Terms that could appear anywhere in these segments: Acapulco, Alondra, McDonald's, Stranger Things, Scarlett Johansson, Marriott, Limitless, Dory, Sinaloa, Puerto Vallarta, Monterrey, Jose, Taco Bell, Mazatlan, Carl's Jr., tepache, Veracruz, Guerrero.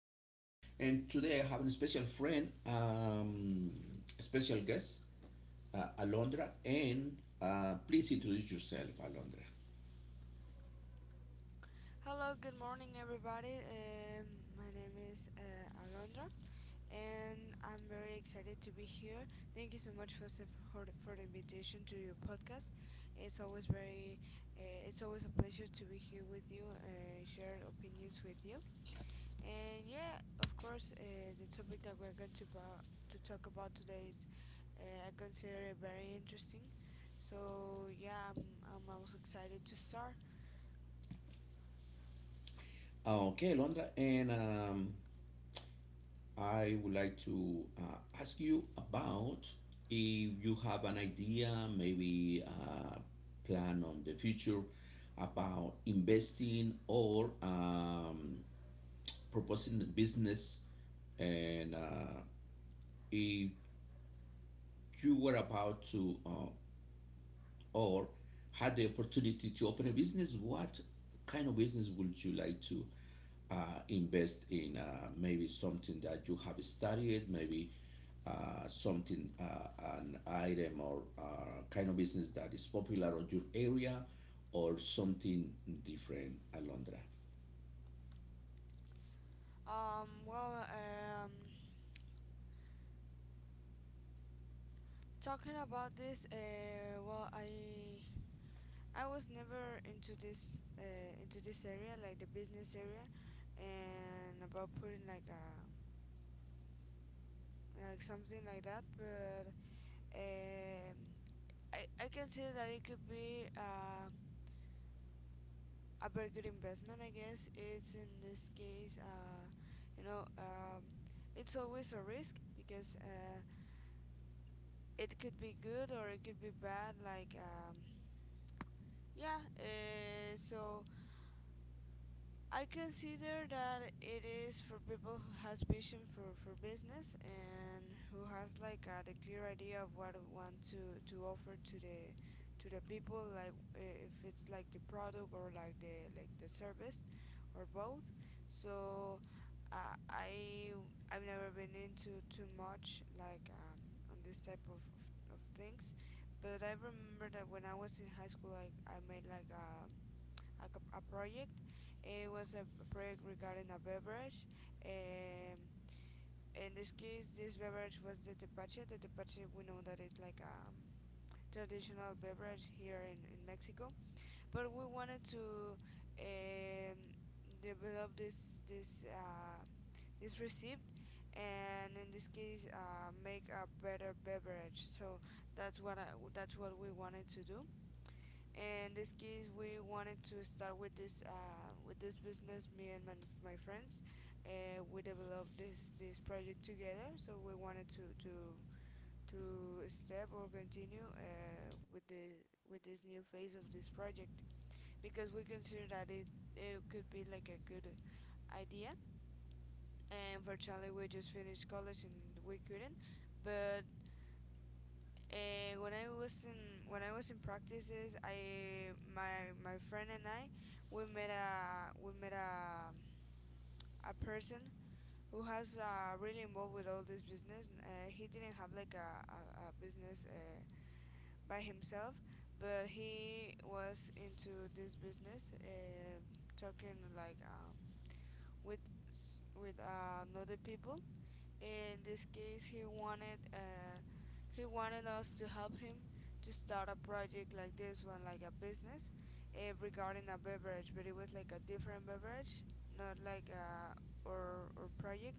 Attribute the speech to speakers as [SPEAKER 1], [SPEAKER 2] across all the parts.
[SPEAKER 1] and money. And today I have a special friend, a special guest, Alondra. And please introduce yourself, Alondra.
[SPEAKER 2] Hello, good morning, everybody. My name is Alondra, and I'm very excited to be here. Thank you so much for for the invitation to your podcast. It's always very, it's always a pleasure to be here with you, share opinions with you, and yeah, of course, the topic that we're going to to talk about today is, I consider it very interesting. So yeah, I'm also excited to start.
[SPEAKER 1] Ah, okay, Londra, and I would like to ask you about if you have an idea, maybe a plan on the future about investing or proposing the business, and if you were about to or had the opportunity to open a business, what kind of business would you like to uh, invest in? Maybe something that you have studied, maybe something, an item or kind of business that is popular on your area, or something different, Alondra.
[SPEAKER 2] Um, well, um, Talking about this, well, I was never into this into this area, like the business area, and about putting like a like something like that. But um, I can say that it could be a very good investment. I guess it's in this case, you know, um, it's always a risk because it could be good or it could be bad. Like yeah, so I consider that it is for people who has vision for, business and who has like the clear idea of what it want to offer to the people, like if it's like the product or like the service or both. So uh, I I've never been into too much on this type of things, but I remember that when I was in high school, like I made like a project. It was a project regarding a beverage. Um, in this case, this beverage was the tepache. The tepache, we know that it's like a traditional beverage here in Mexico, but we wanted to um, develop this recipe, and in this case make a better beverage. So that's what I, that's what we wanted to do. In this case, we wanted to start with this business, me and my friends. We developed this project together, so we wanted to step or continue with the with this new phase of this project, because we consider that it could be like a good idea. And fortunately, we just finished college and we couldn't. But when I was in practices, I my my friend and I, we met a person who has really involved with all this business. He didn't have like a business by himself, but he was into this business, talking like with other people. In this case, he wanted us to help him to start a project like this one, like a business, regarding a beverage. But it was like a different beverage, not like a or project,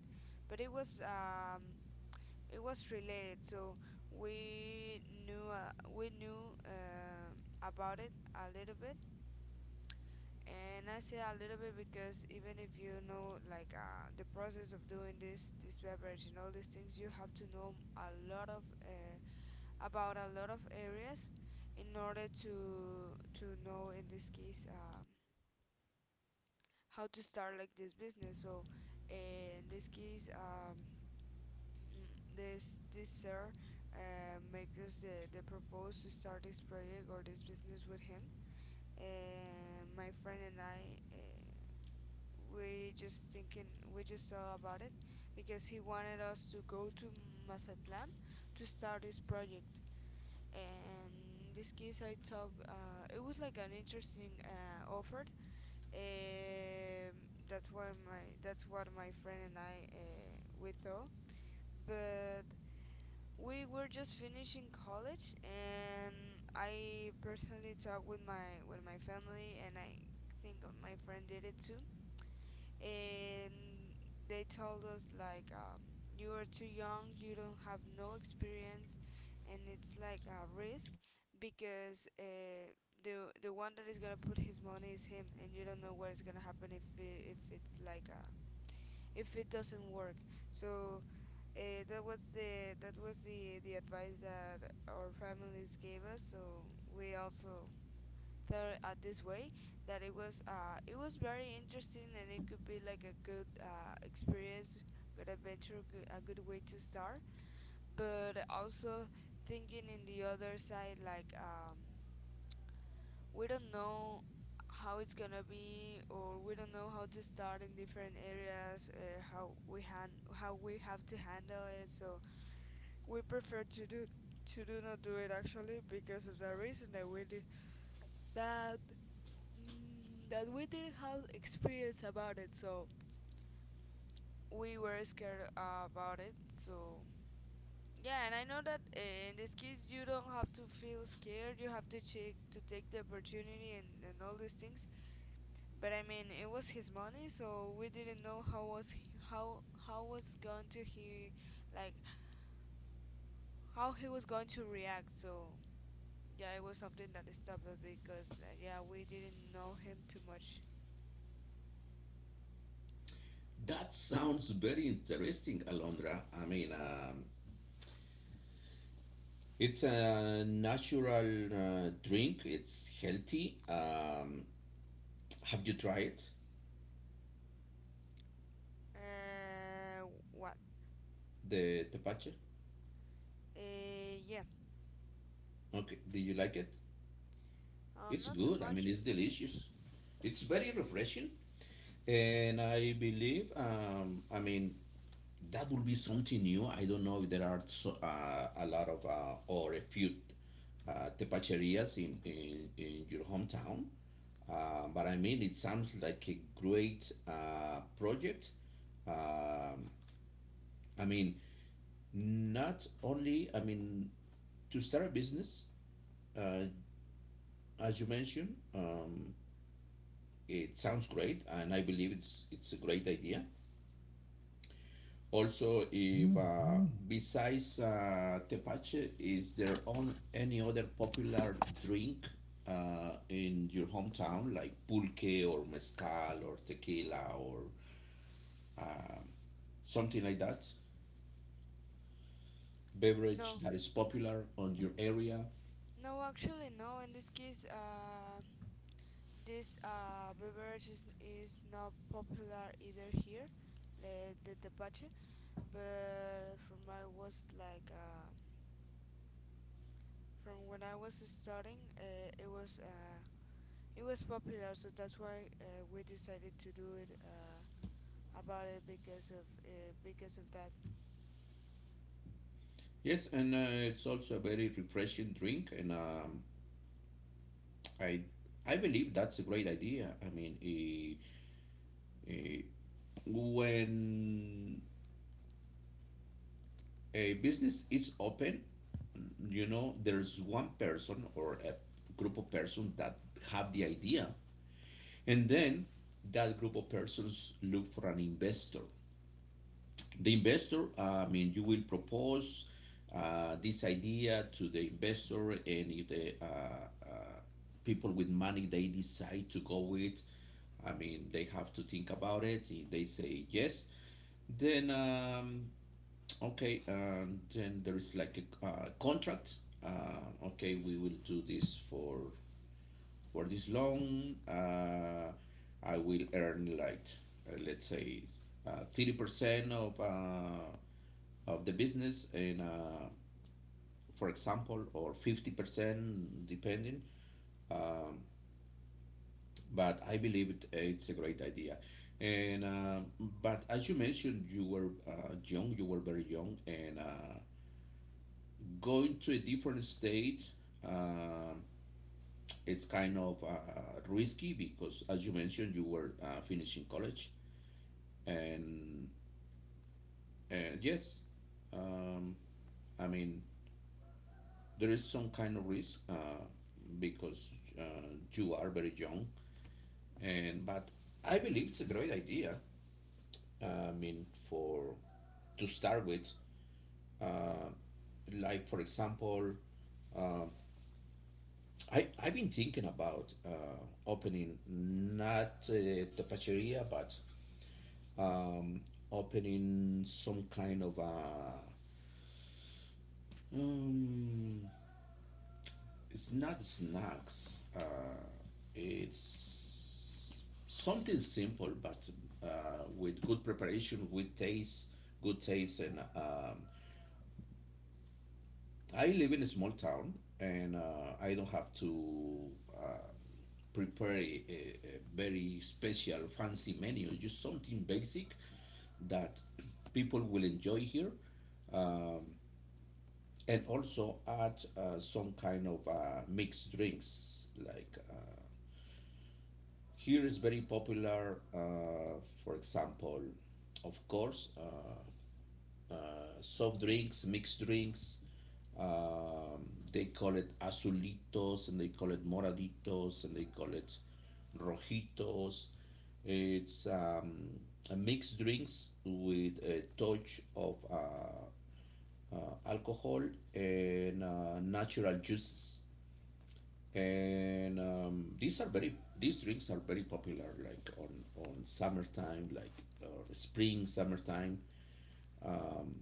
[SPEAKER 2] but it was related. So we knew about it a little bit, and I say a little bit because even if you know like the process of doing this beverage and all these things, you have to know a lot of about a lot of areas in order to know in this case how to start like this business. So uh, in this case, mm, this sir make us the propose to start this project or this business with him. And my friend and I. We just thinking we just thought about it because he wanted us to go to Mazatlan to start this project. And in this case, I talk it was like an interesting offer, um, that's what my friend and I, we thought. But we were just finishing college, and I personally talked with my family, and I think my friend did it too, and they told us like, you are too young, you don't have no experience, and it's like a risk because the one that is gonna put his money is him, and you don't know what is gonna happen if it, if it's like a if it doesn't work. So that was the advice that our families gave us. So we also the this way, that it was very interesting and it could be like a good experience, good adventure, good, a good way to start. But also, thinking in the other side, like we don't know how it's gonna be, or we don't know how to start in different areas, how we have to handle it. So we prefer to do not do it, actually, because of the reason that we did that. That we didn't have experience about it, so we were scared about it. So yeah, and I know that in this case you don't have to feel scared. You have to check to take the opportunity and, all these things. But I mean, it was his money, so we didn't know how was going to he like how he was going to react. So yeah, it was something that stopped us because yeah, we didn't know him too much.
[SPEAKER 1] That sounds very interesting, Alondra. I mean, it's a natural drink. It's healthy. Have you tried it?
[SPEAKER 2] Uh, what?
[SPEAKER 1] The tepache?
[SPEAKER 2] Yeah.
[SPEAKER 1] Okay. Do you like it? It's
[SPEAKER 2] Not too
[SPEAKER 1] good. I mean,
[SPEAKER 2] much.
[SPEAKER 1] it's delicious. It's very refreshing. And I believe, I mean, that will be something new. I don't know if there are so, a lot of or a few tepacherias in your hometown. But I mean, it sounds like a great project. Um, I mean, not only, I mean, to start a business, uh, as you mentioned, it sounds great, and I believe it's a great idea. Also, if besides tepache, is there on any other popular drink in your hometown, like pulque or mezcal or tequila or um something like that? Beverage
[SPEAKER 2] No,
[SPEAKER 1] that is popular on your area?
[SPEAKER 2] no, actually, no. In this case, this beverage is not popular either here, the tepache. But from when I was starting, it was popular, so that's why we decided to do it about it because of that.
[SPEAKER 1] Yes, and it's also a very refreshing drink, and I I believe that's a great idea. I mean, Eh, when a business is open, you know, there's one person or a group of persons that have the idea, and then that group of persons look for an investor. The investor, I mean, you will propose this idea to the investor, and if the people with money they decide to go with, I mean, they have to think about it. If they say yes, then okay, and then there is like a contract. Okay, we will do this for this loan. I will earn like let's say 30% of the business, and for example, or 50% depending. Um, but I believe it's a great idea. And but as you mentioned, you were young. You were very young, and going to a different state uh, it's kind of risky because as you mentioned you were finishing college and and yes um, I mean there is some kind of risk because uh, you are very young and but I believe it's a great idea I mean for to start with uh, like for example uh, I've been thinking about opening not tapacheria, but um, opening some kind of um, it's not snacks. It's something simple, but uh, with good preparation, with taste, good taste, and I live in a small town and I don't have to uh, prepare a very special fancy menu, just something basic that people will enjoy here. Um, and also add some kind of mixed drinks. Like here is very popular, for example, of course, soft drinks, mixed drinks. Um, they call it azulitos and they call it moraditos and they call it rojitos. It's a mixed drinks with a touch of alcohol and natural juices. And these drinks are very popular like on summertime like spring summertime. Um,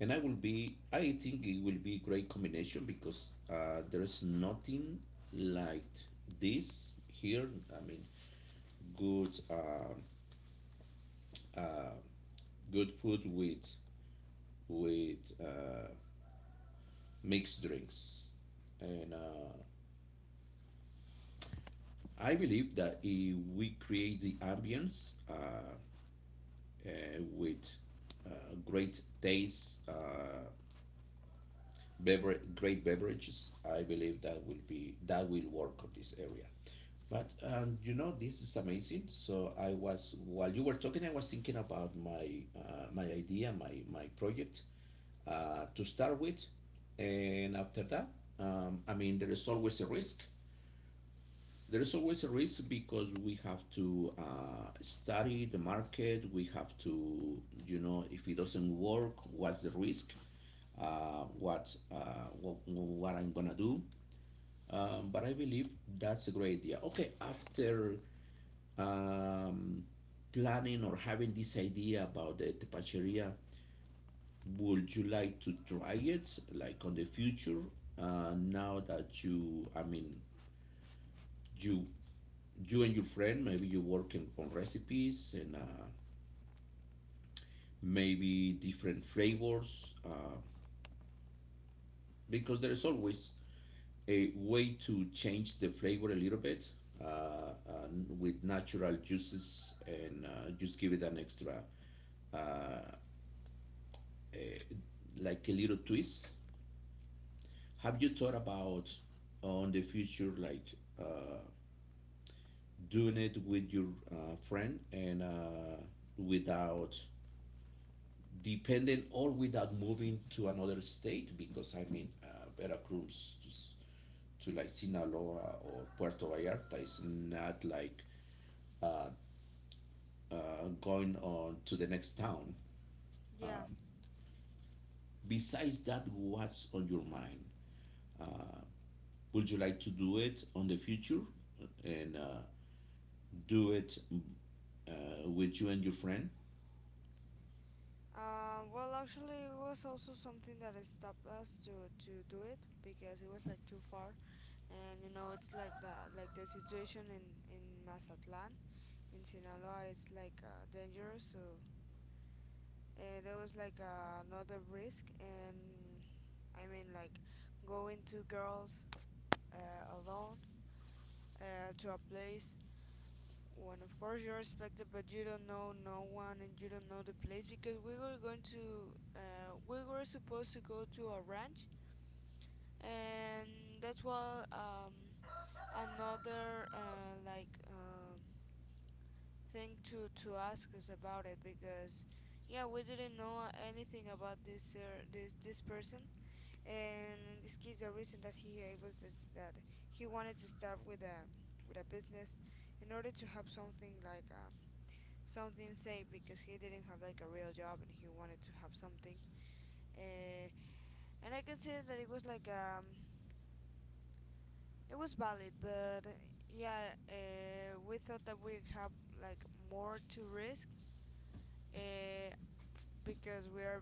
[SPEAKER 1] and I will be. I think it will be great combination because there's nothing like this here. I mean, good, uh, uh, good food with with mixed drinks, and I believe that if we create the ambience uh, with great taste, great beverages, I believe that will work on this area. But you know, this is amazing. So I was while you were talking, I was thinking about my my idea, my project to start with, and after that, I mean, there is always a risk. There is always a risk because we have to study the market. We have to, you know, if it doesn't work, what's the risk? What I'm gonna do? But I believe that's a great idea. Okay, after um, planning or having this idea about the tapacheria, would you like to try it like on the future? Now that you, I mean, you you and your friend, maybe you working on recipes and maybe different flavors, because there is always a way to change the flavor a little bit uh, with natural juices and just give it an extra uh, uh, like a little twist. Have you thought about on the future, like uh, doing it with your friend and without dependent or without moving to another state? Because I mean, Veracruz to like Sinaloa or Puerto Vallarta is not like going on to the next town.
[SPEAKER 2] Yeah.
[SPEAKER 1] Besides that, what's on your mind? Would you like to do it on the future? And do it with you and your friend,
[SPEAKER 2] Well, actually, it was also something that has stopped us to do it because it was like too far, and you know, it's like that, like the situation in Mazatlan in Sinaloa is like dangerous. So there was like another risk, and I mean, like, going two girls alone to a place when of course you're expected, but you don't know no one and you don't know the place, because we were supposed to go to a ranch. And that's, well, another thing to ask us about it, because yeah, we didn't know anything about this person. And in this case, the reason that he gave us is that he wanted to start with a business in order to have something like something safe, because he didn't have like a real job and he wanted to have something. uh, and I can say that it was like, it was valid, but yeah, we thought that we have like more to risk uh, because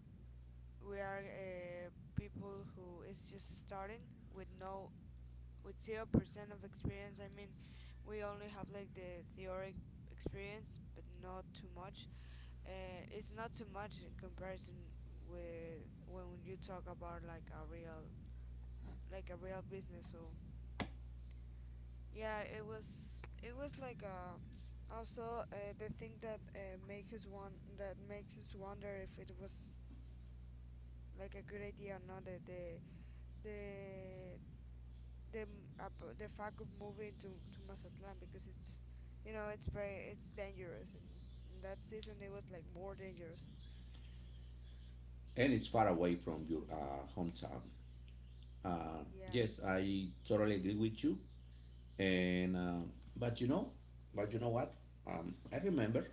[SPEAKER 2] we are people who is just starting with no with 0% of experience. I mean, we only have like the theoretic experience, but not too much. It's not too much in comparison with when you talk about like a real business. So yeah, it was, also, the thing that makes us wonder if it was like a good idea or not, the the fact of moving to Mazatlan, because it's, you know it's very it's dangerous, and that season it was like more dangerous.
[SPEAKER 1] and it's far away from your hometown.
[SPEAKER 2] Yeah.
[SPEAKER 1] Yes, I totally agree with you. And but you know, but you know what? I remember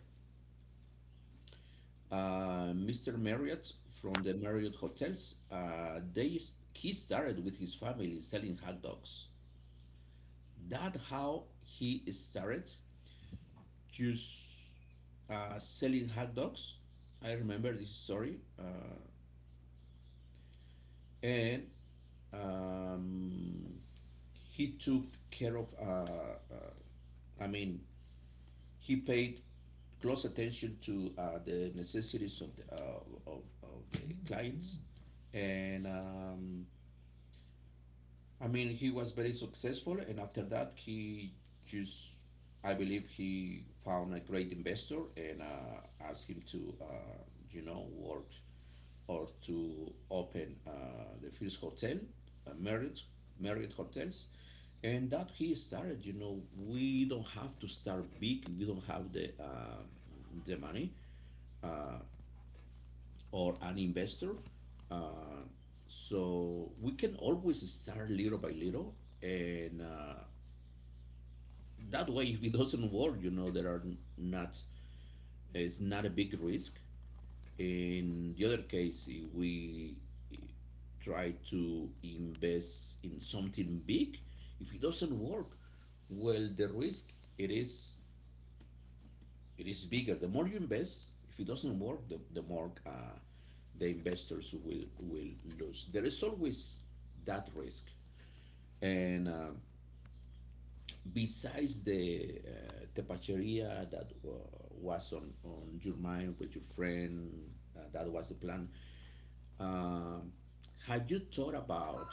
[SPEAKER 1] Mr. Marriott from the Marriott hotels. He started with his family selling hot dogs. That how he started just selling hot dogs. I remember this story, and Um, he took care of, uh, I mean, he paid close attention to the necessities of of the mm-hmm. clients. And I mean, he was very successful. And after that, he just, I believe, he found a great investor and asked him to, you know, work or to open the first hotel, uh, Marriott, Marriott Hotels. And that he started, you know, we don't have to start big. We don't have the money uh, or an investor. Uh, so we can always start little by little. And that way, if it doesn't work, you know, there are not, it's not a big risk. In the other case, if we try to invest in something big, if it doesn't work, well, the risk it is it is bigger. The more you invest, if it doesn't work, the more the investors will lose. There is always that risk, and besides the tepacheria that was on your mind with your friend, that was the plan. Um, have you thought about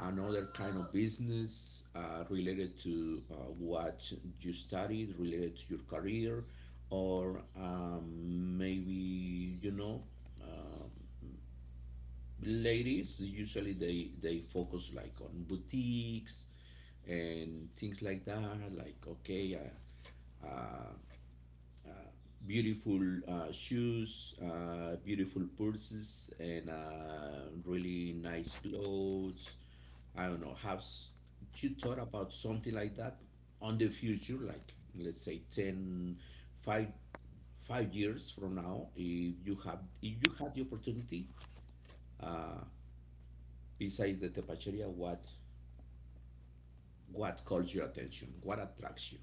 [SPEAKER 1] another kind of business related to what you studied, related to your career, or maybe you know, um, ladies usually they focus like on boutiques and things like that. Like okay, beautiful shoes, beautiful purses, and really nice clothes. I don't know. You thought about something like that on the future? Like let's say 10, 5, five years from now, if you have if you had the opportunity, uh, besides the tepacheria, what calls your attention? What attracts you?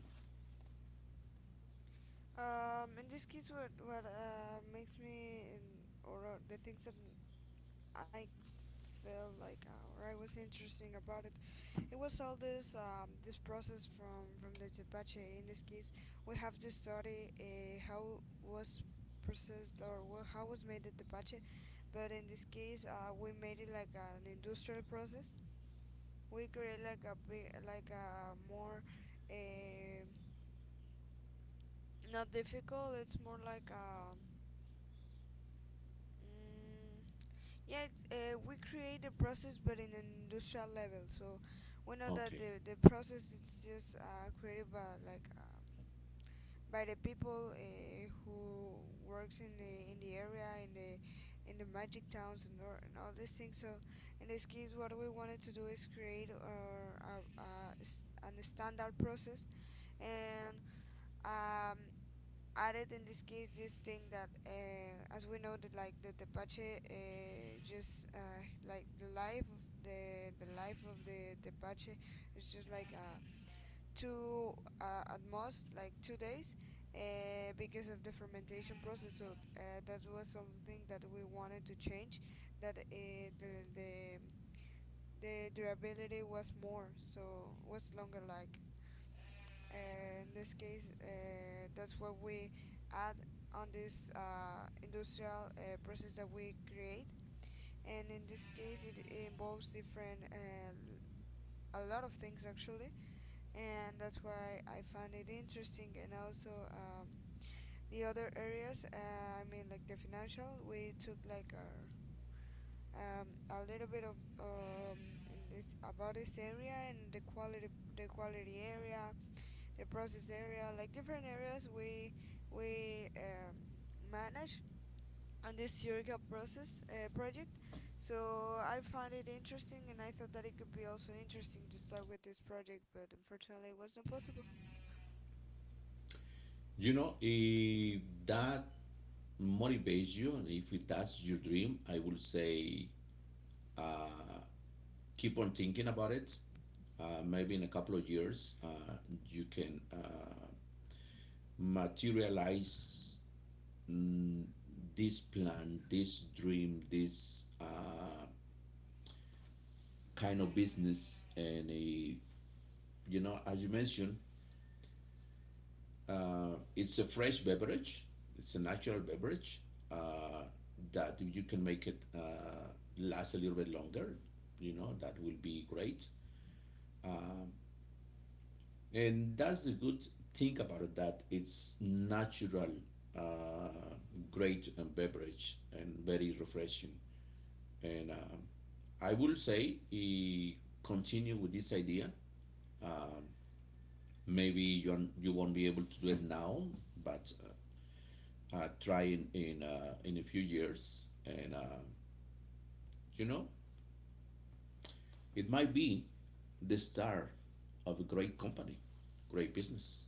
[SPEAKER 2] In this case, what makes me in, or the things that I felt like or I was interesting about it, it was all this process from the tepache. In this case, we have to study how was processed or how was made the tepache, but in this case, we made it like an industrial process. We create like a big, like a more uh, not difficult. It's more like a mm, yeah. We create the process, but in an industrial level. So we know that
[SPEAKER 1] Okay.
[SPEAKER 2] the process it's just created by, like, by the people who works in the area in the magic towns and, or, and all these things. So in this case, what we wanted to do is create an standard process and um, added in this case this thing that, as we know that, like the tepache, just like the life of the tepache is just like a two, at most like 2 days because of the fermentation process. So that was something that we wanted to change, that the durability was more, so was longer. Like, uh, in this case, that's what we add on this industrial process that we create. And in this case, it involves different a lot of things, actually, and that's why I find it interesting. And also the other areas, I mean, like the financial, we took like our a little bit of um, in this about this area and the quality area, the process area, like different areas we manage on this Eureka process project. So I found it interesting, and I thought that it could be also interesting to start with this project, but unfortunately, it was not possible.
[SPEAKER 1] You know, if that motivates you and if it, that's your dream, I will say keep on thinking about it. Maybe in a couple of years you can materialize mm, this plan, this dream, this kind of business. You know, as you mentioned, it's a fresh beverage, it's a natural beverage, uh, that if you can make it last a little bit longer, you know that will be great. Um, and that's the good thing about it, that it's natural, uh, great beverage and very refreshing. And I will say, continue with this idea. Um, Maybe you you won't be able to do it now, but try in a few years, and you know, it might be the star of a great company, great business.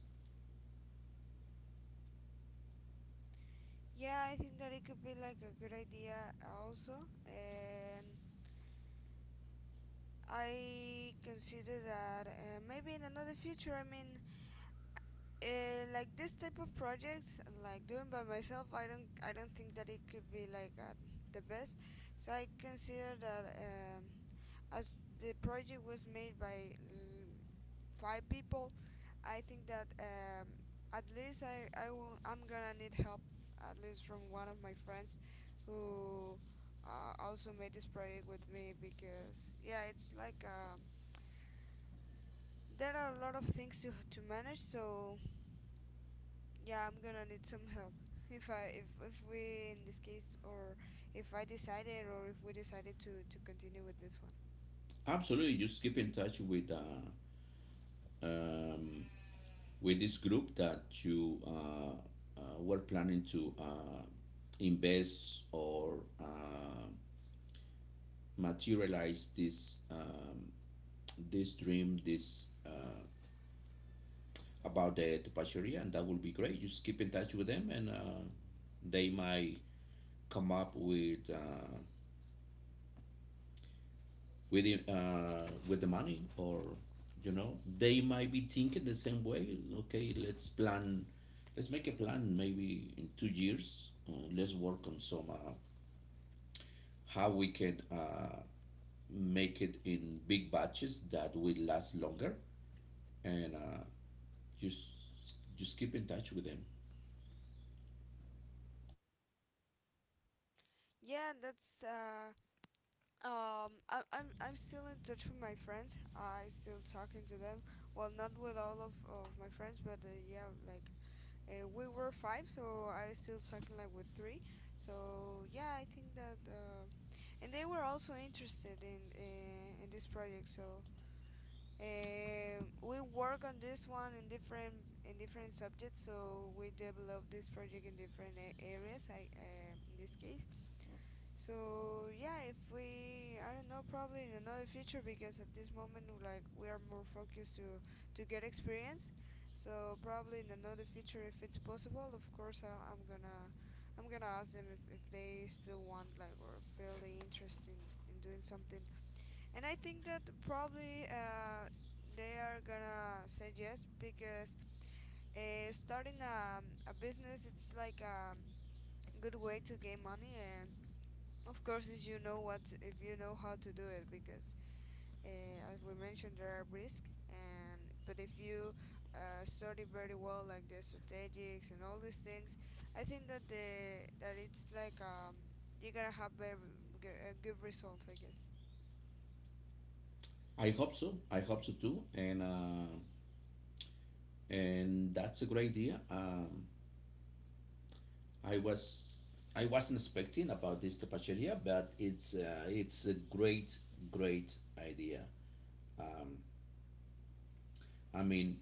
[SPEAKER 2] Yeah, I think that it could be like a good idea also, and I consider that maybe in another future. I mean, like this type of projects, like doing by myself, I don't think that it could be like the best. So I consider that as the project was made by five people, I think that at least I'm gonna need help, at least from one of my friends who also made this project with me because, yeah, it's like there are a lot of things to manage, so yeah, I'm gonna need some help. If I if we in this case or if I decided or if we decided to continue with this one.
[SPEAKER 1] Absolutely, just keep in touch um, with this group that you were planning to invest or materialize this this dream, this about the tapacheria, and that will be great. Just keep in touch with them, and they might come up with the money. Or you know, they might be thinking the same way. Okay, let's plan, let's make a plan maybe in 2 years. Let's work on some how we can make it in big batches that will last longer, and just just keep in touch with them.
[SPEAKER 2] Yeah, that's I, I'm still in touch with my friends. I still talking to them. Well, not with all of my friends, but yeah, like we were five, so I still talking like with three. So yeah, I think that, and they were also interested in this project. So we work on this one in different subjects. So we develop this project in different areas. I In this case, so yeah, if we, I don't know, probably in another future because at this moment, like, we are more focused to get experience. So probably in another future, if it's possible, of course, I'm gonna ask them if they still want like or feel the interest in doing something. And I think that probably they are gonna say yes because starting a business, it's like a good way to gain money. And of course, if you know what, if you know how to do it because, as we mentioned, there are risks, and but if you study very well, like the strategics and all these things, I think that the, that it's like you're gonna have very good results, I guess.
[SPEAKER 1] I hope so, I hope so too. And and that's a great idea. I was, I wasn't expecting about this tapacheria, but it's it's a great, great idea. Um, I mean,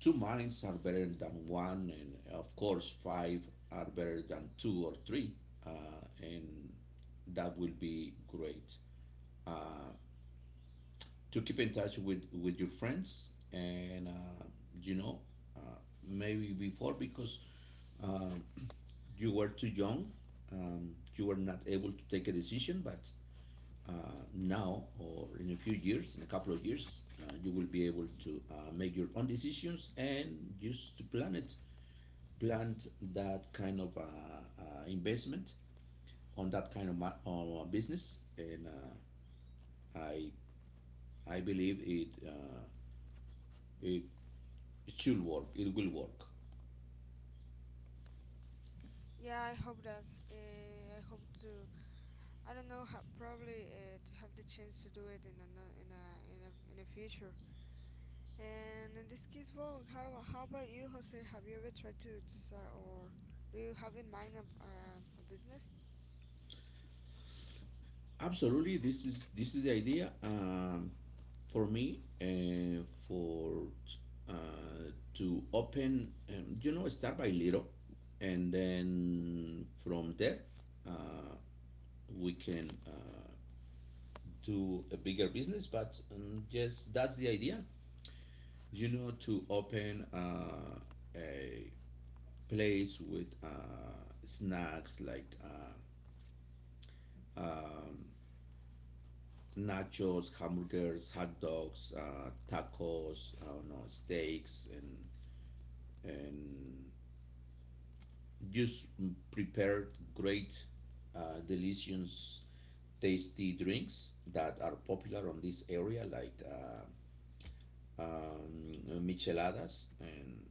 [SPEAKER 1] two minds are better than one, and of course, five are better than two or three, and that will be great. Uh, to keep in touch with your friends, and you know, uh, maybe before, because uh, you were too young, you were not able to take a decision. But uh, now, or in a few years, in a couple of years, you will be able to make your own decisions and just to plan it, plant that kind of investment on that kind of business. And I I believe it, it it should work. It will work.
[SPEAKER 2] Yeah, I hope that. I hope to. I don't know. Probably to have the chance to do it in a no- in a in a in a future. And in this case, well, how about you, Jose? Have you ever tried to start, or do you have in mind a business?
[SPEAKER 1] Absolutely, this is the idea. For me, for to open, you know, start by little, and then from there, uh, we can do a bigger business. But yes, that's the idea. You know, to open a place with snacks like um, nachos, hamburgers, hot dogs, tacos, I don't know, steaks, and just prepared great, delicious, tasty drinks that are popular on this area, like um, micheladas. And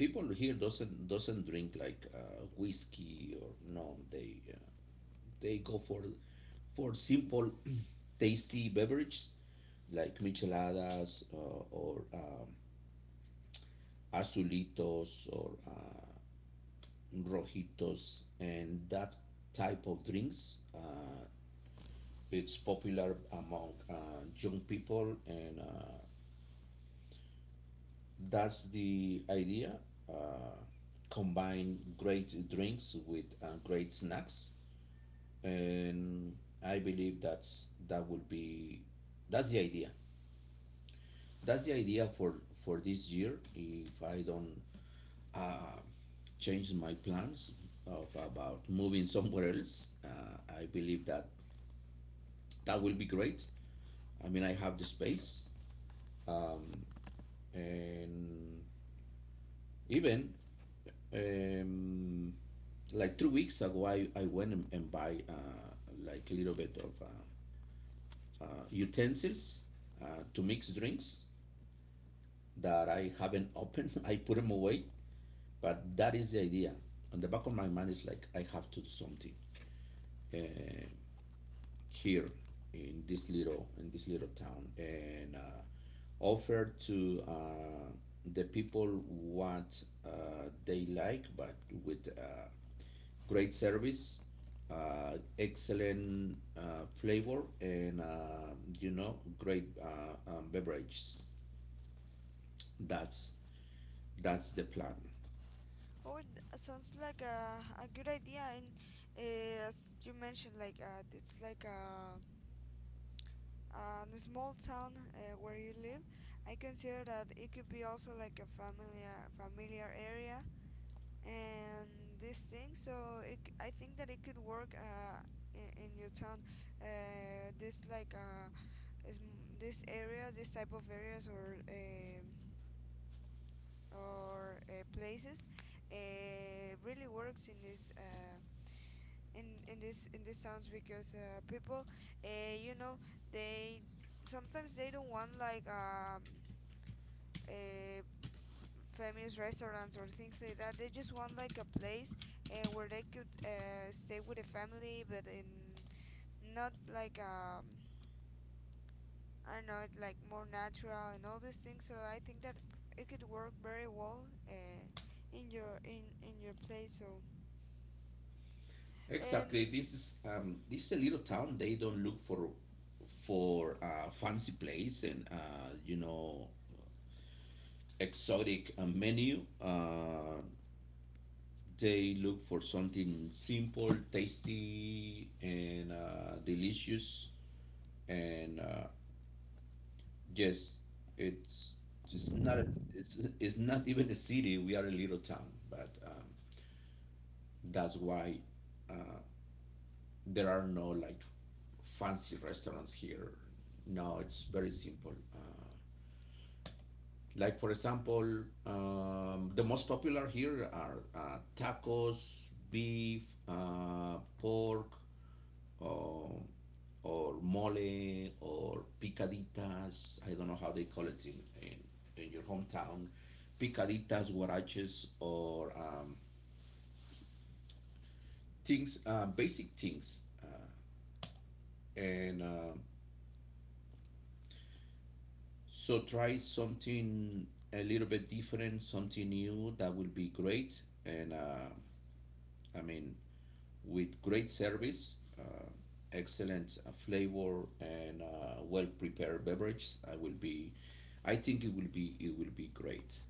[SPEAKER 1] people here doesn't drink like whiskey or no, they. They go for simple, tasty beverages like micheladas or azulitos or rojitos, and that type of drinks. It's popular among young people, and that's the idea. Uh, Combine great drinks with great snacks, and I believe that's that will be that's the idea. That's the idea for this year. If I don't uh, change my plans of about moving somewhere else, I believe that that will be great. I mean, I have the space, um, and even um, like 2 weeks ago, I went and buy like a little bit of utensils uh, to mix drinks that I haven't opened. I put them away. But that is the idea. On the back of my mind is like I have to do something uh, here in this little town, and offer to the people what they like, but with great service, excellent flavor, and you know, great beverages. That's that's the plan.
[SPEAKER 2] Oh, it sounds like a good idea. And as you mentioned, like it's like a small town where you live. I consider that it could be also like a familiar area and this thing. So I think that it could work in your town. This, like a, this area, this type of areas, or places, really works in this, in this sounds because people, uh, you know, they sometimes they don't want like a famous restaurants or things like that. They just want like a place where they could stay with a family, but in not like I don't know, it's like more natural and all these things. So I think that it could work very well in your in your place. So and
[SPEAKER 1] Exactly. This is this is a little town. They don't look for fancy place and you know, exotic menu. They look for something simple, tasty, and delicious. And yes, it's it's not a, it's not even a city. We are a little town, but that's why. uh, there are no like fancy restaurants here. No, it's very simple. Like for example, the most popular here are tacos, beef, pork, or, or mole, or picaditas. I don't know how they call it in your hometown. Picaditas, huaraches, or things, basic things. And So try something a little bit different, something new. That will be great. And I mean, with great service, excellent flavor, and well prepared beverages, I will be. I think it will be great.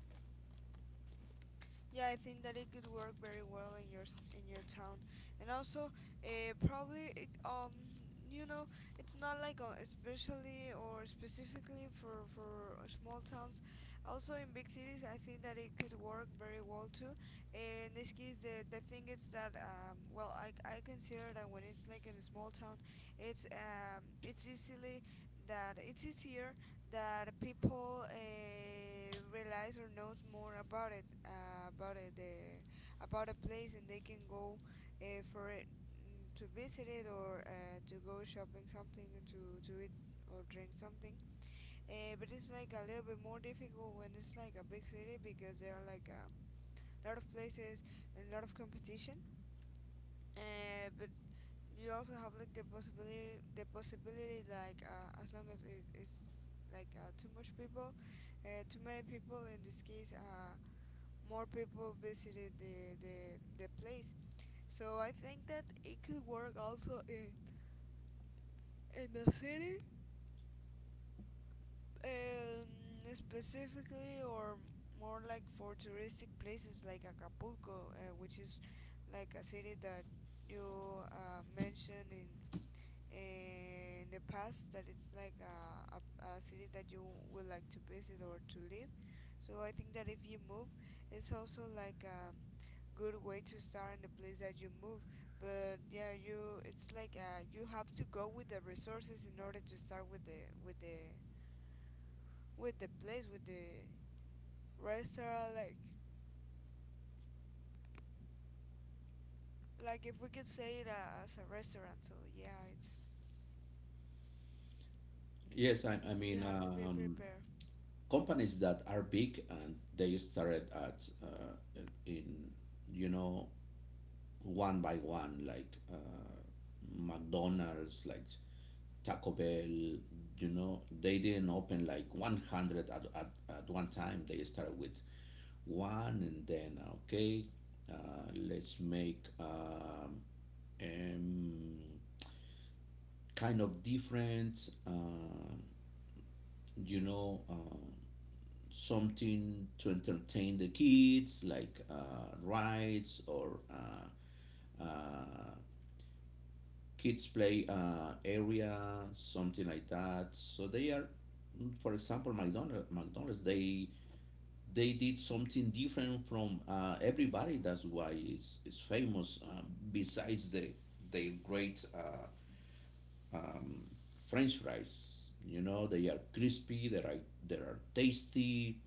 [SPEAKER 2] yeah, I think that it could work very well in your in your town, and also, probably it, it's not like especially or specifically for small towns. Also in big cities, I think that it could work very well too. In this case, the thing is that well, I consider that when it's like in a small town, it's easily that it's easier that people realize or knows more about a place, and they can go uh, for it, to visit it or to go shopping something or to eat or drink something, but it's like a little bit more difficult when it's like a big city because there are like a lot of places and a lot of competition, but you also have like the possibility, the possibility, like, as long as it is like, too much people, too many people in this case, more people visited the place. So I think that it could work also in the city, um, specifically or more like for touristic places like Acapulco, which is like a city that you mentioned in the past, that it's like a city that you would like to visit or to live. So I think that if you move, it's also like a good way to start in the place that you move. But yeah, you it's like, you have to go with the resources in order to start with the with the place with the restaurant, like if we could say it as a restaurant. So yeah, it's
[SPEAKER 1] Yes, I
[SPEAKER 2] you
[SPEAKER 1] mean
[SPEAKER 2] have to be prepared.
[SPEAKER 1] companies that are big, and they started at in you know, one by one, like McDonald's, like Taco Bell, you know, they didn't open like 100 at one time. They started with one, and then, okay, let's make um, kind of different, you know, um something to entertain the kids, like rides or uh, kids play area, something like that. So they are, mm, for example, McDonald's. McDonald's they did something different from everybody. That's why it's famous. Besides their great um, French fries, you know, they are crispy. They are tasty.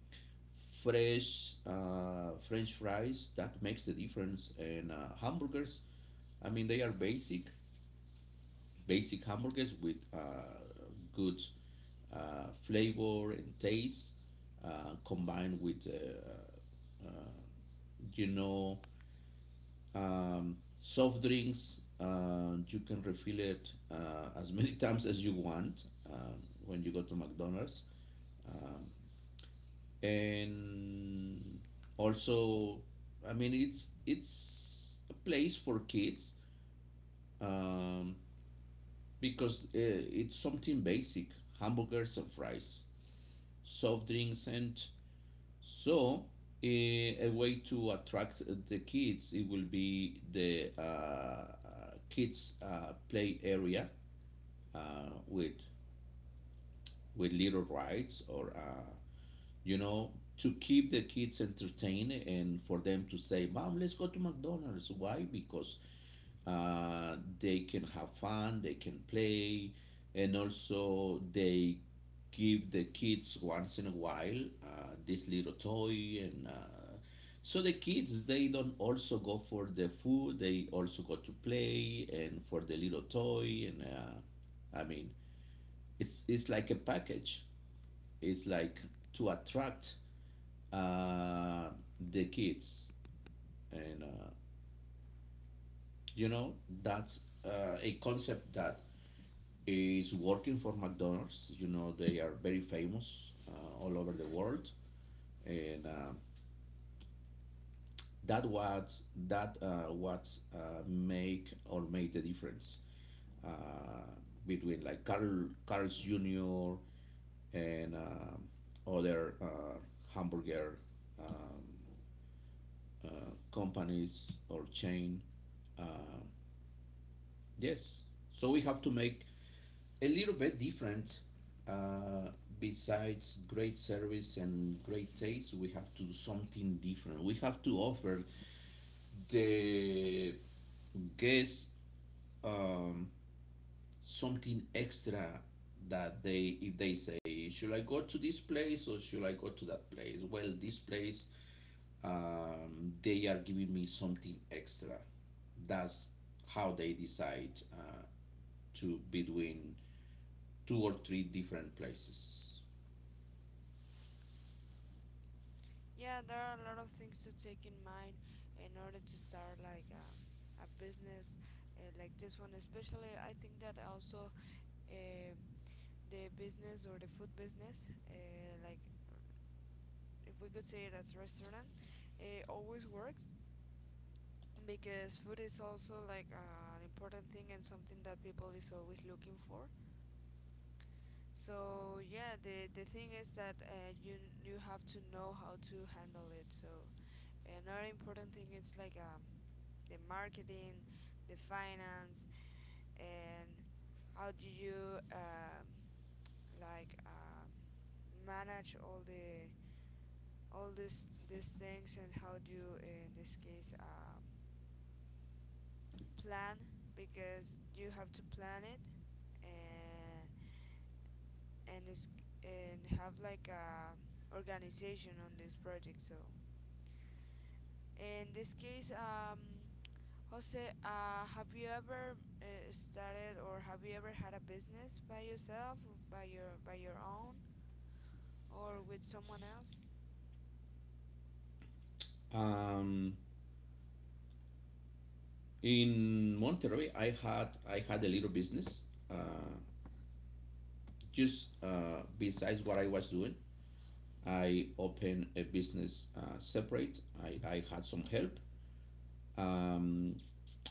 [SPEAKER 1] Fresh French fries that makes the difference, and hamburgers. I mean, they are basic hamburgers with good flavor and taste combined with you know, soft drinks. You can refill it as many times as you want, um, when you go to McDonald's. um, and also, I mean, it's a place for kids, um, because it's something basic, hamburgers and fries, soft drinks, and so a way to attract the kids. It will be the kids play area uh, with with little rides, or you know, to keep the kids entertained, and for them to say, "Mom, let's go to McDonald's." Why? Because they can have fun, they can play, and also they give the kids once in a while this little toy. And so the kids, they don't also go for the food, they also go to play and for the little toy. And I mean, it's like a package. It's like to attract uh, the kids. And you know, that's a concept that is working for McDonald's. You know, they are very famous all over the world, and that was that what make or made the difference uh, between like Carl's Jr. and other hamburger um, companies or chain. Uh, yes, so we have to make a little bit different. Uh, Besides great service and great taste, we have to do something different. We have to offer the guests um, something extra. That they, if they say, should I go to this place or should I go to that place? Well, this place, they are giving me something extra. That's how they decide to between two or three different places.
[SPEAKER 2] Yeah, there are a lot of things to take in mind in order to start like a business like this one. Especially, I think that also uh, the business or the food business, like if we could say it as restaurant, always works because food is also like an important thing and something that people is always looking for. So yeah, the thing is that you have to know how to handle it. So another important thing is like the marketing, the finance, and how do you like manage all the all this these things, and how do you in this case plan, because you have to plan it, and and have like a organization on this project. So in this case, Jose, have you ever started, or have you ever had a business by yourself, by your own, or with someone else?
[SPEAKER 1] Um, in Monterrey, I had a little business. Uh, just besides what I was doing, I opened a business separate. I had some help. Um,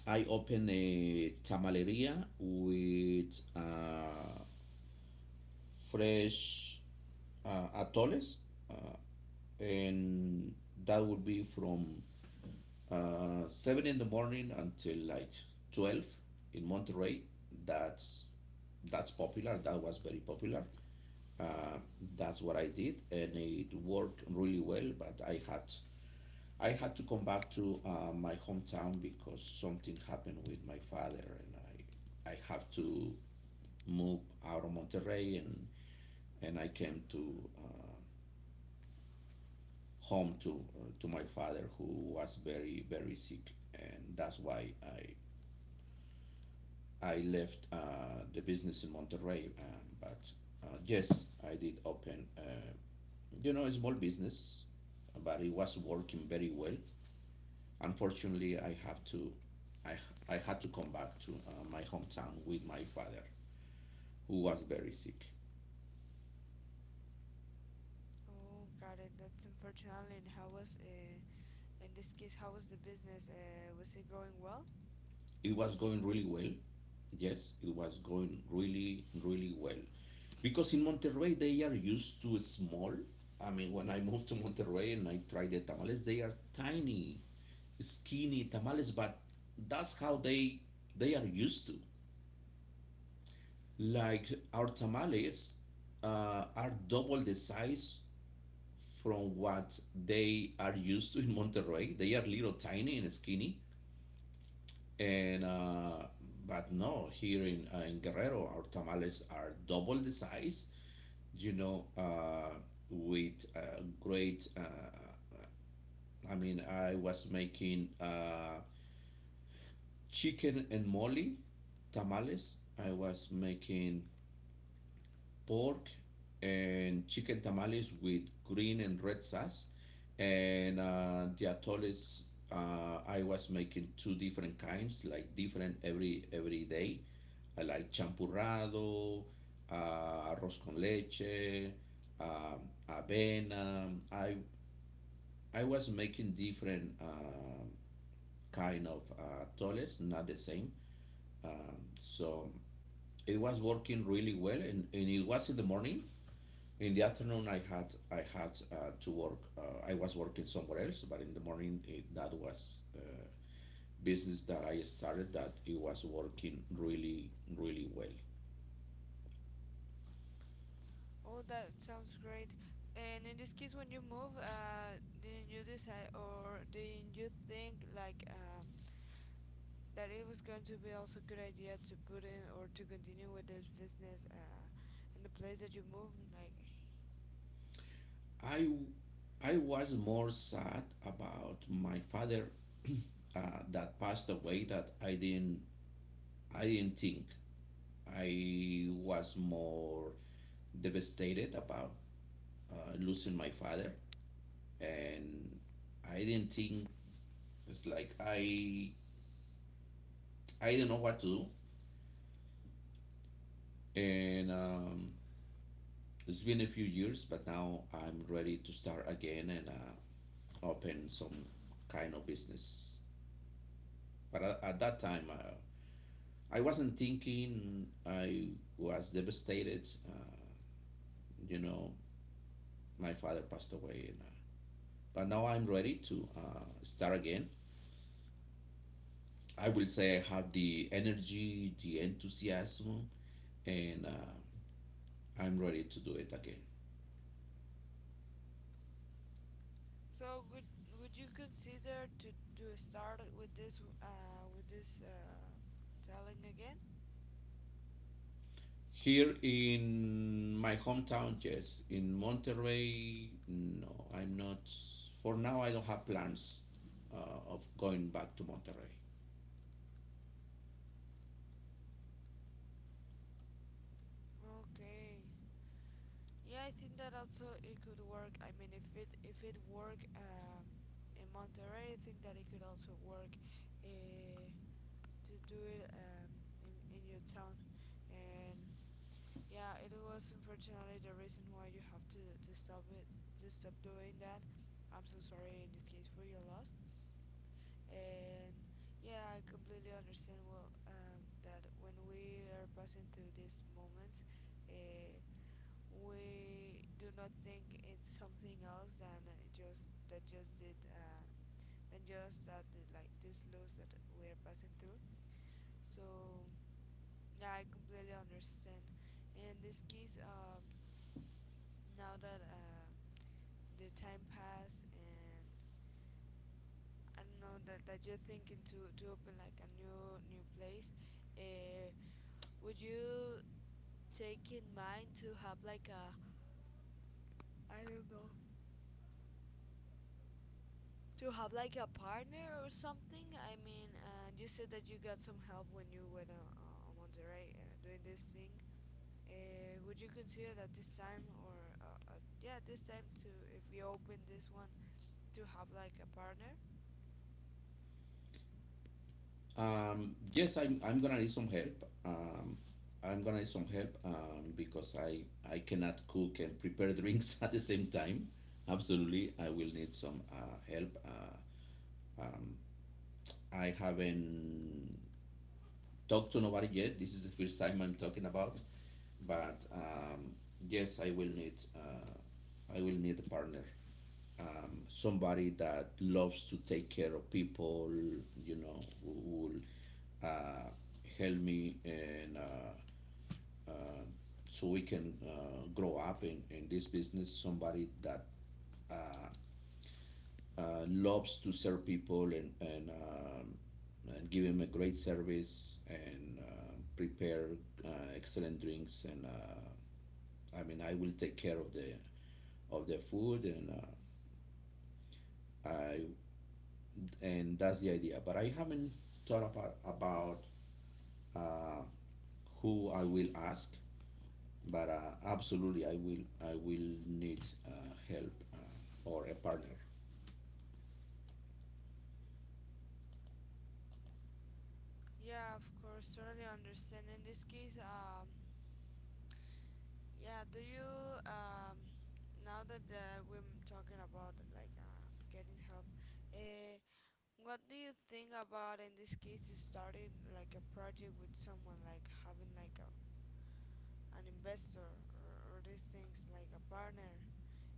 [SPEAKER 1] I opened a tamaleria with fresh atoles, uh, and that would be from 7 in the morning until like 12 in Monterrey. That's that's popular. That was very popular. Uh, that's what I did, and it worked really well. But I had to come back to my hometown because something happened with my father, and I have to move out of Monterrey, and I came to home to my father, who was very very sick. And that's why I left the business in Monterrey, but yes, I did open, you know, a small business, but it was working very well. Unfortunately, I have to, I, I had to come back to my hometown with my father, who was very sick.
[SPEAKER 2] Oh, got it. That's unfortunately. And how was, in this case, how was the business? Was it going well?
[SPEAKER 1] It was going really well. Yes, it was going really, really well. Because in Monterrey, they are used to small. I mean, when I moved to Monterrey and I tried the tamales, they are tiny, skinny tamales, but that's how they are used to. Like our tamales are double the size from what they are used to in Monterrey. They are little tiny and skinny, and but no, here in Guerrero, our tamales are double the size. You know, with great. I mean, I was making. Chicken and mole tamales. I was making pork and chicken tamales with green and red sauce. And the atoles, I was making two different kinds, like different every day. I like champurrado, arroz con leche, um, avena. I was making different kind of atoles, not the same. So it was working really well, and it was in the morning. In the afternoon, I had to work. I was working somewhere else, but in the morning, it, that was business that I started. That it was working really really well.
[SPEAKER 2] Oh, that sounds great. And in this case, when you move, didn't you decide or didn't you think like that it was going to be also a good idea to put in or to continue with this business in the place that you move? Like,
[SPEAKER 1] I I was more sad about my father uh, that passed away. That I didn't think. I was more devastated about losing my father.
[SPEAKER 2] Yeah.
[SPEAKER 1] And I didn't think, it's like I didn't know what to do, and it's been a few years, but now I'm ready to start again and open some kind of business. But at that time, I wasn't thinking. I was devastated. You know, my father passed away, and but now I'm ready to start again. I will say I have the energy, the enthusiasm, and I'm ready to do it again.
[SPEAKER 2] So would would you consider to start with this selling again?
[SPEAKER 1] Here in my hometown, yes. In Monterrey, no, I'm not. For now, I don't have plans of going back to Monterrey.
[SPEAKER 2] Okay. Yeah, I think that also it could work. I mean, if it work in Monterrey, I think that it could also work uh to do it in your town. And yeah, it was unfortunately the reason why you have to stop it to stop doing that. I'm so sorry in this case for your loss. And yeah, I completely understand well, that when we are passing through these moments, uh, we do not think it's something else than, just that just did, than just that the, like this loss that we're passing through. So yeah, I completely understand. In this case, now that the time passed, and I don't know that, you're thinking to open like a new place. Uh, would you take in mind to have like a, I don't know, to have like a partner or something? I mean, and you said that you got some help when you went on Monterrey doing this thing. Would you consider that this time or yeah, this time to, if we open this one, to have like a partner?
[SPEAKER 1] Yes, I'm gonna need some help. I'm gonna need some help because I cannot cook and prepare drinks at the same time. Absolutely, I will need some help. Um, I haven't talked to nobody yet. This is the first time I'm talking about, but yes, I will need a partner, somebody that loves to take care of people. You know, who will uh, help me and uh, so we can grow up in this business. Somebody that uh, loves to serve people and, and give him a great service and prepare uh, excellent drinks and I mean I will take care of the food I and that's the idea. But I haven't thought about uh, who I will ask. But absolutely, I will need help or a partner.
[SPEAKER 2] Yeah, of course, totally understand. In this case, yeah, do you now that we're talking about like getting help, uh, what do you think about, in this case, is starting like a project with someone, like having like a an investor, or, these things like a partner?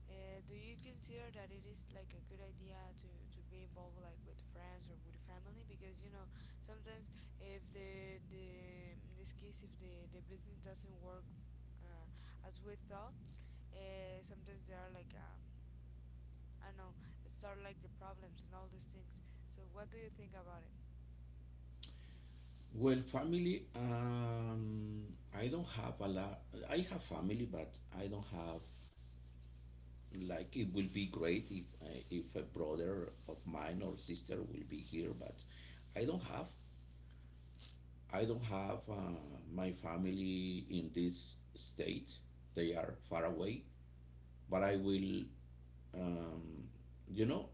[SPEAKER 2] Do you consider that it is like a good idea to be involved like with friends or with family? Because, you know, sometimes if the in this case, if the business doesn't work uh, as we thought, sometimes there are like, I don't know, start like the problems and all these things. So what do you think about it?
[SPEAKER 1] Well, family. I don't have a lot. I have family, but I don't have, like, it will be great if a brother of mine or sister will be here, but I don't have. I don't have my family in this state. They are far away, but I will, um, you know,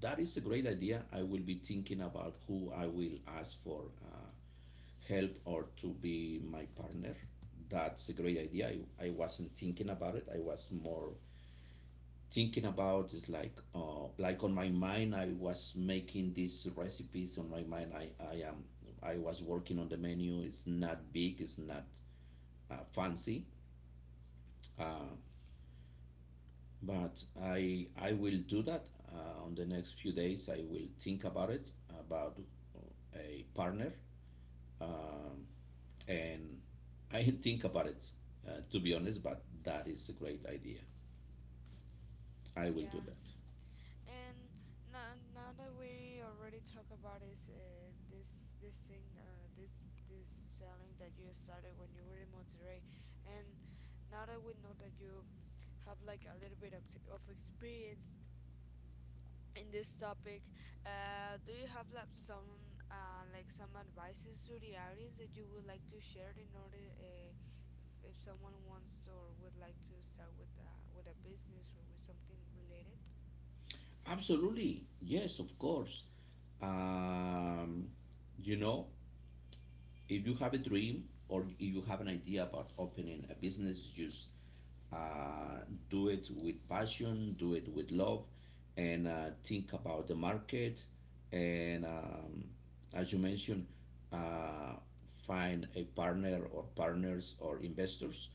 [SPEAKER 1] that is a great idea. I will be thinking about who I will ask for help or to be my partner. That's a great idea. I wasn't thinking about it. I was more thinking about, is like on my mind. I was making these recipes on my mind. I was working on the menu. It's not big, it's not fancy, uh, but I will do that on the next few days. I will think about it, about a partner, um, and I think about it, to be honest, but that is a great idea. I will do
[SPEAKER 2] Yeah.
[SPEAKER 1] that.
[SPEAKER 2] And now, now that we already talk about this, this thing, this selling that you started when you were in Monterrey, and now that we know that you have like a little bit of experience in this topic, do you have like some advices to the audience that you would like to share in order if someone wants or would like to start with a business or with something related?
[SPEAKER 1] Absolutely. Yes, of course. Um, you know, if you have a dream or if you have an idea about opening a business, just uh, do it with passion, do it with love, and think about the market. And as you mentioned, uh, find a partner or partners or investors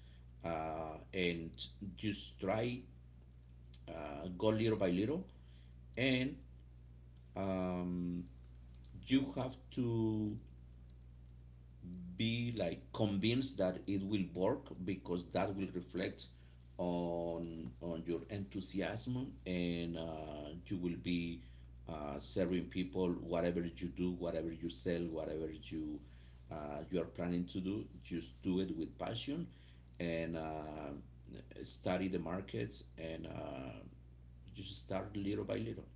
[SPEAKER 1] and just try, go little by little, and um, you have to be, like, convinced that it will work, because that will reflect on your enthusiasm, and you will be serving people. Whatever you do, whatever you sell, whatever you you are planning to do, just do it with passion, and study the markets, and just start little by little.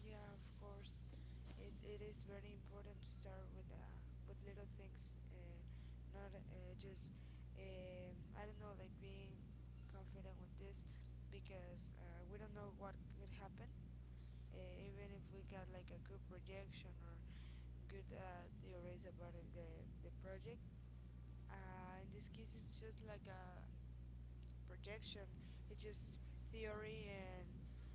[SPEAKER 2] Yeah, of course. It is very important to start with little things, not just I don't know, like being confident with this because we don't know what could happen. Even if we got like a good projection or good theories about it, the project, in this case it's just like a projection, it's just theory and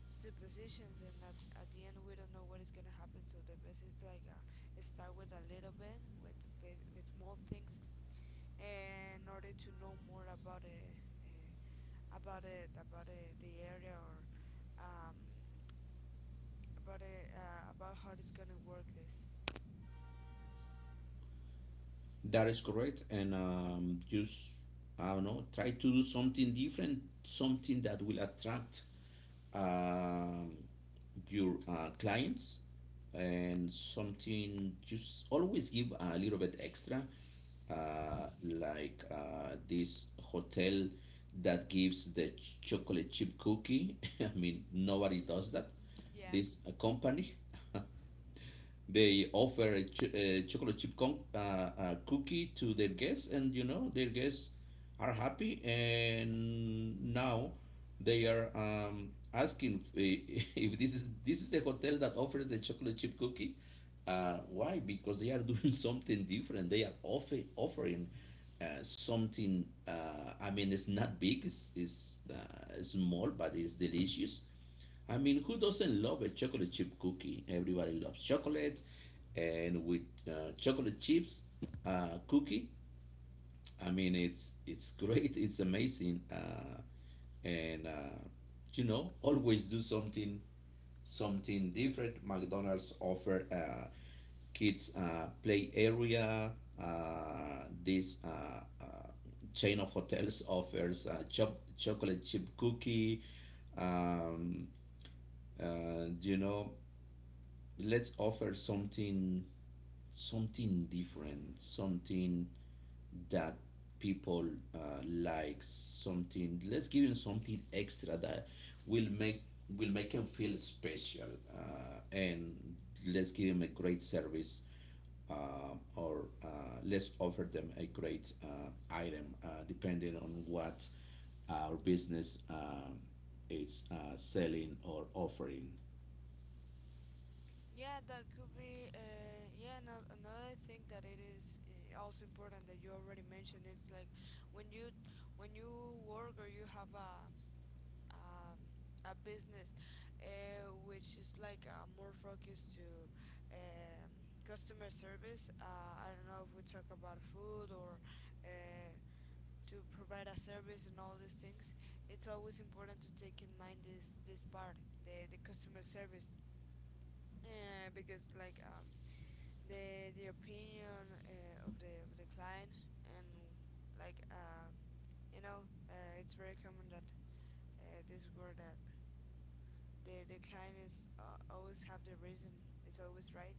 [SPEAKER 2] suppositions, and at the end we don't know what is going to happen, so the best is like start with a little bit with small things in order to know more about it, uh, about it, the area, or um, about it, about how it's going to work this.
[SPEAKER 1] That is correct. And just, I don't know, try to do something different, something that will attract um your clients, and something. Just always give a little bit extra, like this hotel that gives the chocolate chip cookie. I mean, nobody does that,
[SPEAKER 2] Yeah.
[SPEAKER 1] this company. They offer a, a chocolate chip cookie to their guests, and you know their guests are happy. And now they are asking if, if this is, this is the hotel that offers the chocolate chip cookie. Why? Because they are doing something different. They are offering something. I mean, it's not big. It's small, but it's delicious. I mean, who doesn't love a chocolate chip cookie? Everybody loves chocolate, and with chocolate chips cookie, I mean, it's great, it's amazing, and you know, always do something, something different. McDonald's offer kids play area. This chain of hotels offers chop chocolate chip cookie. Um, you know, let's offer something, something different, something that people like. Something, let's give them something extra that will make, will make them feel special, and let's give them a great service, or let's offer them a great item, depending on what our business is selling or offering.
[SPEAKER 2] Yeah, that could be. Yeah, no, another thing that it is also important that you already mentioned. It's like when you when you work or you have um, a business, which is like more focused to um, customer service. I don't know if we talk about food or uh, to provide a service and all these things. It's always important to take in mind this part, the customer service. Yeah, because like the opinion of the client and like it's very common that this word that the client is, always have the reason, it's always right.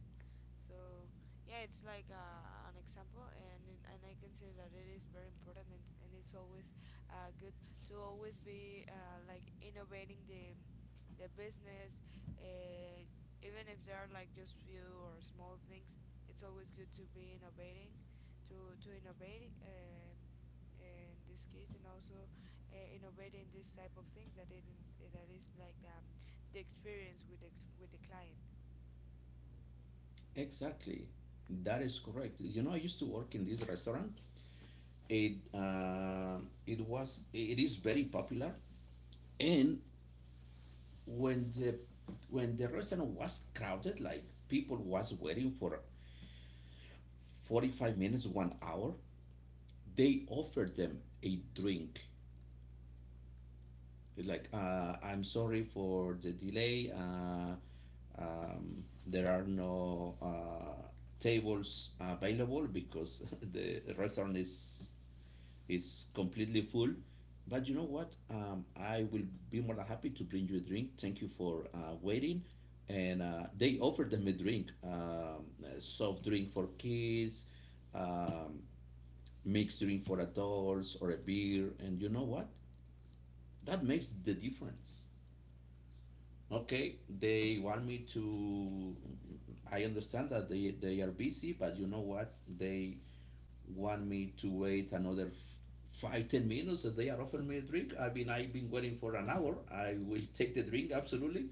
[SPEAKER 2] So yeah, it's like an example, and and I consider that it is very important, and it's always good to always be like innovating the business, uh, even if there are like just few or small things. It's always good to be innovating, to innovate, in this case, and also innovate in this type of things that it that is like, the experience with the client.
[SPEAKER 1] Exactly. That is correct. You know, I used to work in this restaurant. It was, it is very popular, and when the, when the restaurant was crowded, like people was waiting for 45 minutes, 1 hour, they offered them a drink. Like, I'm sorry for the delay. There are no tables available because the restaurant is, it's completely full. But you know what? I will be more than happy to bring you a drink. Thank you for waiting. And they offered them a drink, a soft drink for kids, um, mixed drink for adults, or a beer. And you know what? That makes the difference. Okay, they want me to. I understand that they are busy, but you know what? They want me to wait another 5, 10 minutes. That they are offering me a drink, I mean, I've been waiting for an hour, I will take the drink, absolutely.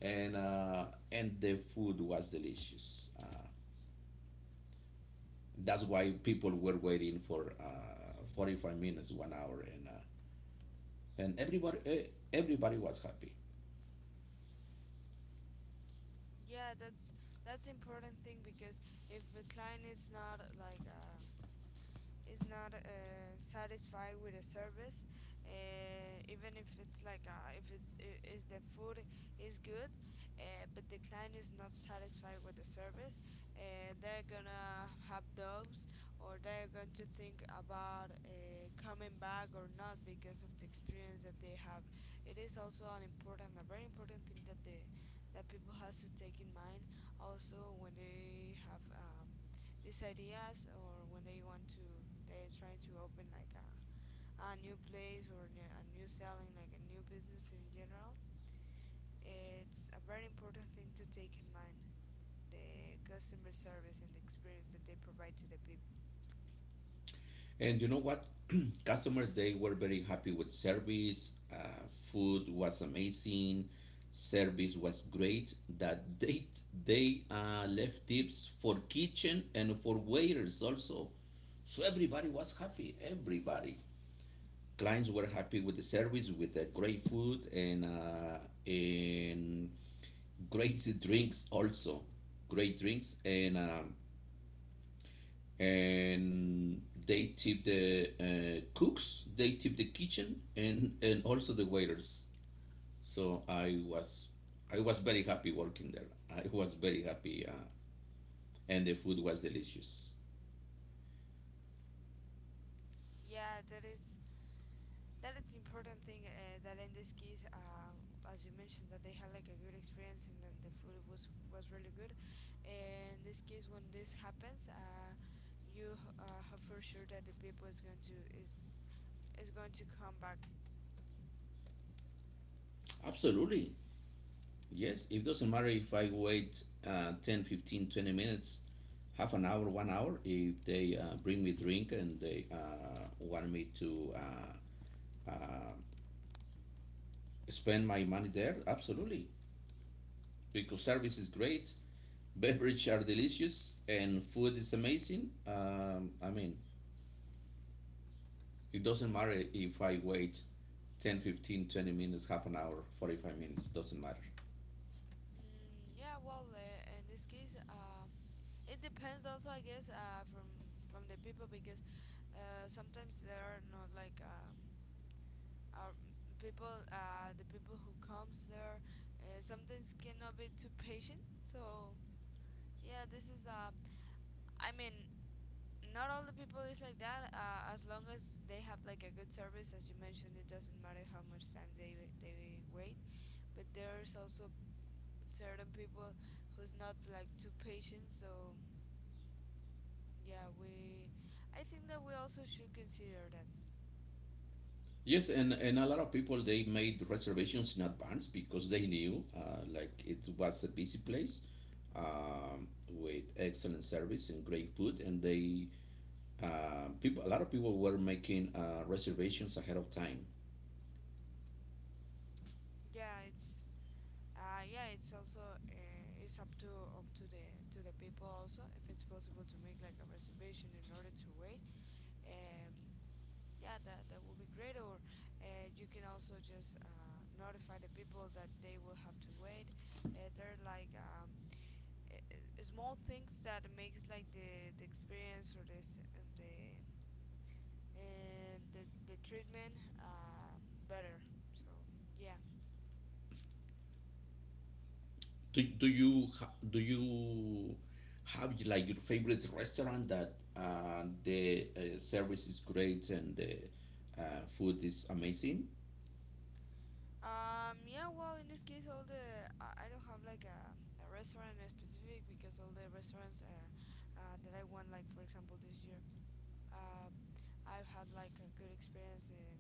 [SPEAKER 1] And the food was delicious, that's why people were waiting for 45 minutes, 1 hour, and everybody, eh, everybody was happy.
[SPEAKER 2] Yeah, that's important thing, because if the client is not like is not satisfied with the service, even if it's like if is the food is good, but the client is not satisfied with the service, they're gonna have doubts, or they're going to think about coming back or not because of the experience that they have. It is also an important, a very important thing, that the that people has to take in mind also when they have, these ideas, or when they want to, they're trying to open like a new place or new, a new selling like a new business in general. It's a very important thing to take in mind the customer service and the experience that they provide to the people.
[SPEAKER 1] And you know what? Customers, they were very happy with service. Food was amazing. Service was great, that they left tips for kitchen and for waiters also. So everybody was happy. Everybody. Clients were happy with the service, with the great food and great drinks also. Great drinks and and they tip the cooks, they tip the kitchen, and also the waiters. So I was very happy working there. I was very happy, and the food was delicious.
[SPEAKER 2] Yeah, that is important thing, that in this case, as you mentioned, that they had like a good experience and then the food was really good. And in this case, when this happens, you have for sure that the people is going to come back.
[SPEAKER 1] Absolutely, yes. It doesn't matter if I wait 10, 15, 20 minutes, half an hour, 1 hour. If they bring me drink and they want me to uh, spend my money there, absolutely, because service is great. Beverages are delicious and food is amazing. I mean, it doesn't matter if I wait 10, 15, 20 minutes, half an hour, 45 minutes, doesn't matter.
[SPEAKER 2] Mm, yeah, well, in this case, it depends also, I guess, from the people, because sometimes there are not like, our people, the people who comes there, sometimes cannot be too patient. So yeah, this is I mean, not all the people is like that. As long as they have like a good service, as you mentioned, it doesn't matter how much time they wait. But there's also certain people who's not like too patient. So yeah, we I think that we also should consider that.
[SPEAKER 1] Yes, and a lot of people, they made reservations in advance because they knew, like, it was a busy place, with excellent service and great food. And people, a lot of people were making reservations ahead of time.
[SPEAKER 2] Yeah, it's yeah, it's also it's up to up to the people also, if it's possible to make like a reservation in order to wait. um yeah, that that would be great. Or you can also just notify the people that they will have to wait. They're like small things that makes like the experience, or this of the and the the treatment, better. So yeah.
[SPEAKER 1] Do you have, like, your favorite restaurant that the service is great and the food is amazing?
[SPEAKER 2] Yeah. Well, in this case, all the I don't have like a restaurant in specific, because all the restaurants that I went, like for example, this year, uh, I've had like a good experience in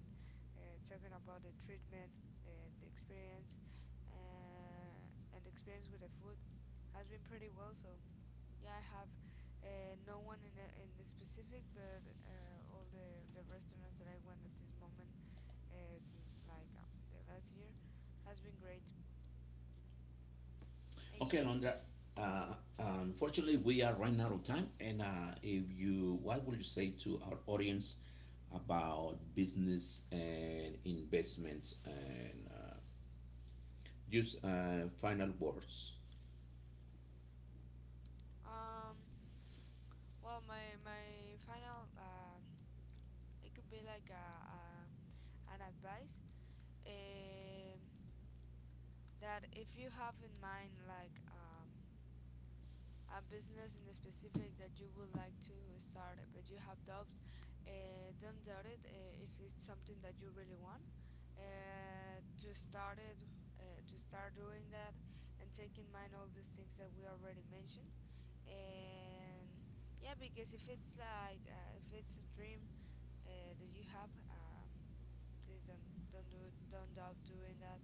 [SPEAKER 2] talking about the treatment, and the experience, uh, and the experience with the food has been pretty well. So yeah, I have no one in a specific, but all the restaurants that I went at this moment, since like the last year has been great. And
[SPEAKER 1] Okay,
[SPEAKER 2] you?
[SPEAKER 1] Alondra. Uh, unfortunately, we are running out of time. And if you, what would you say to our audience about business and investment and use final words?
[SPEAKER 2] Um, well, my final, it could be like a an advice, um that if you have in mind like, a business in a specific that you would like to start, but you have doubts, don't doubt it, if it's something that you really want to start it, to start doing that, and take in mind all these things that we already mentioned. And yeah, because if it's like if it's a dream that you have, please don't do it, don't doubt doing that,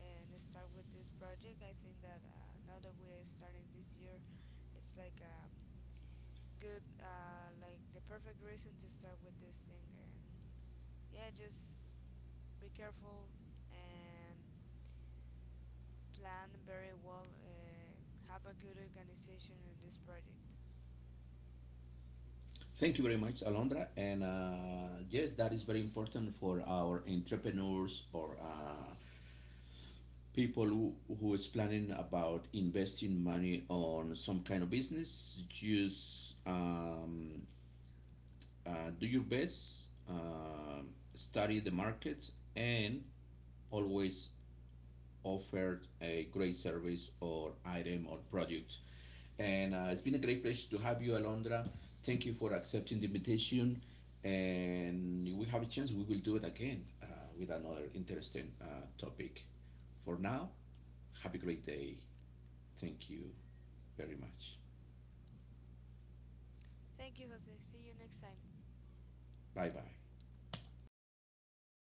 [SPEAKER 2] and start with this project. I think that now that we are starting this year, it's like a good like the perfect reason to start with this thing. And yeah, just be careful and plan very well, have a good organization in this project.
[SPEAKER 1] Thank you very much, Alondra. And yes, that is very important for our entrepreneurs, or people who is planning about investing money on some kind of business. Just do your best, um, study the market, and always offered a great service or item or product. And it's been a great pleasure to have you, Alondra. Thank you for accepting the invitation. And if we have a chance, we will do it again with another interesting topic. For now, have a great day. Thank you very much.
[SPEAKER 2] Thank you, Jose. See you next time.
[SPEAKER 1] Bye bye.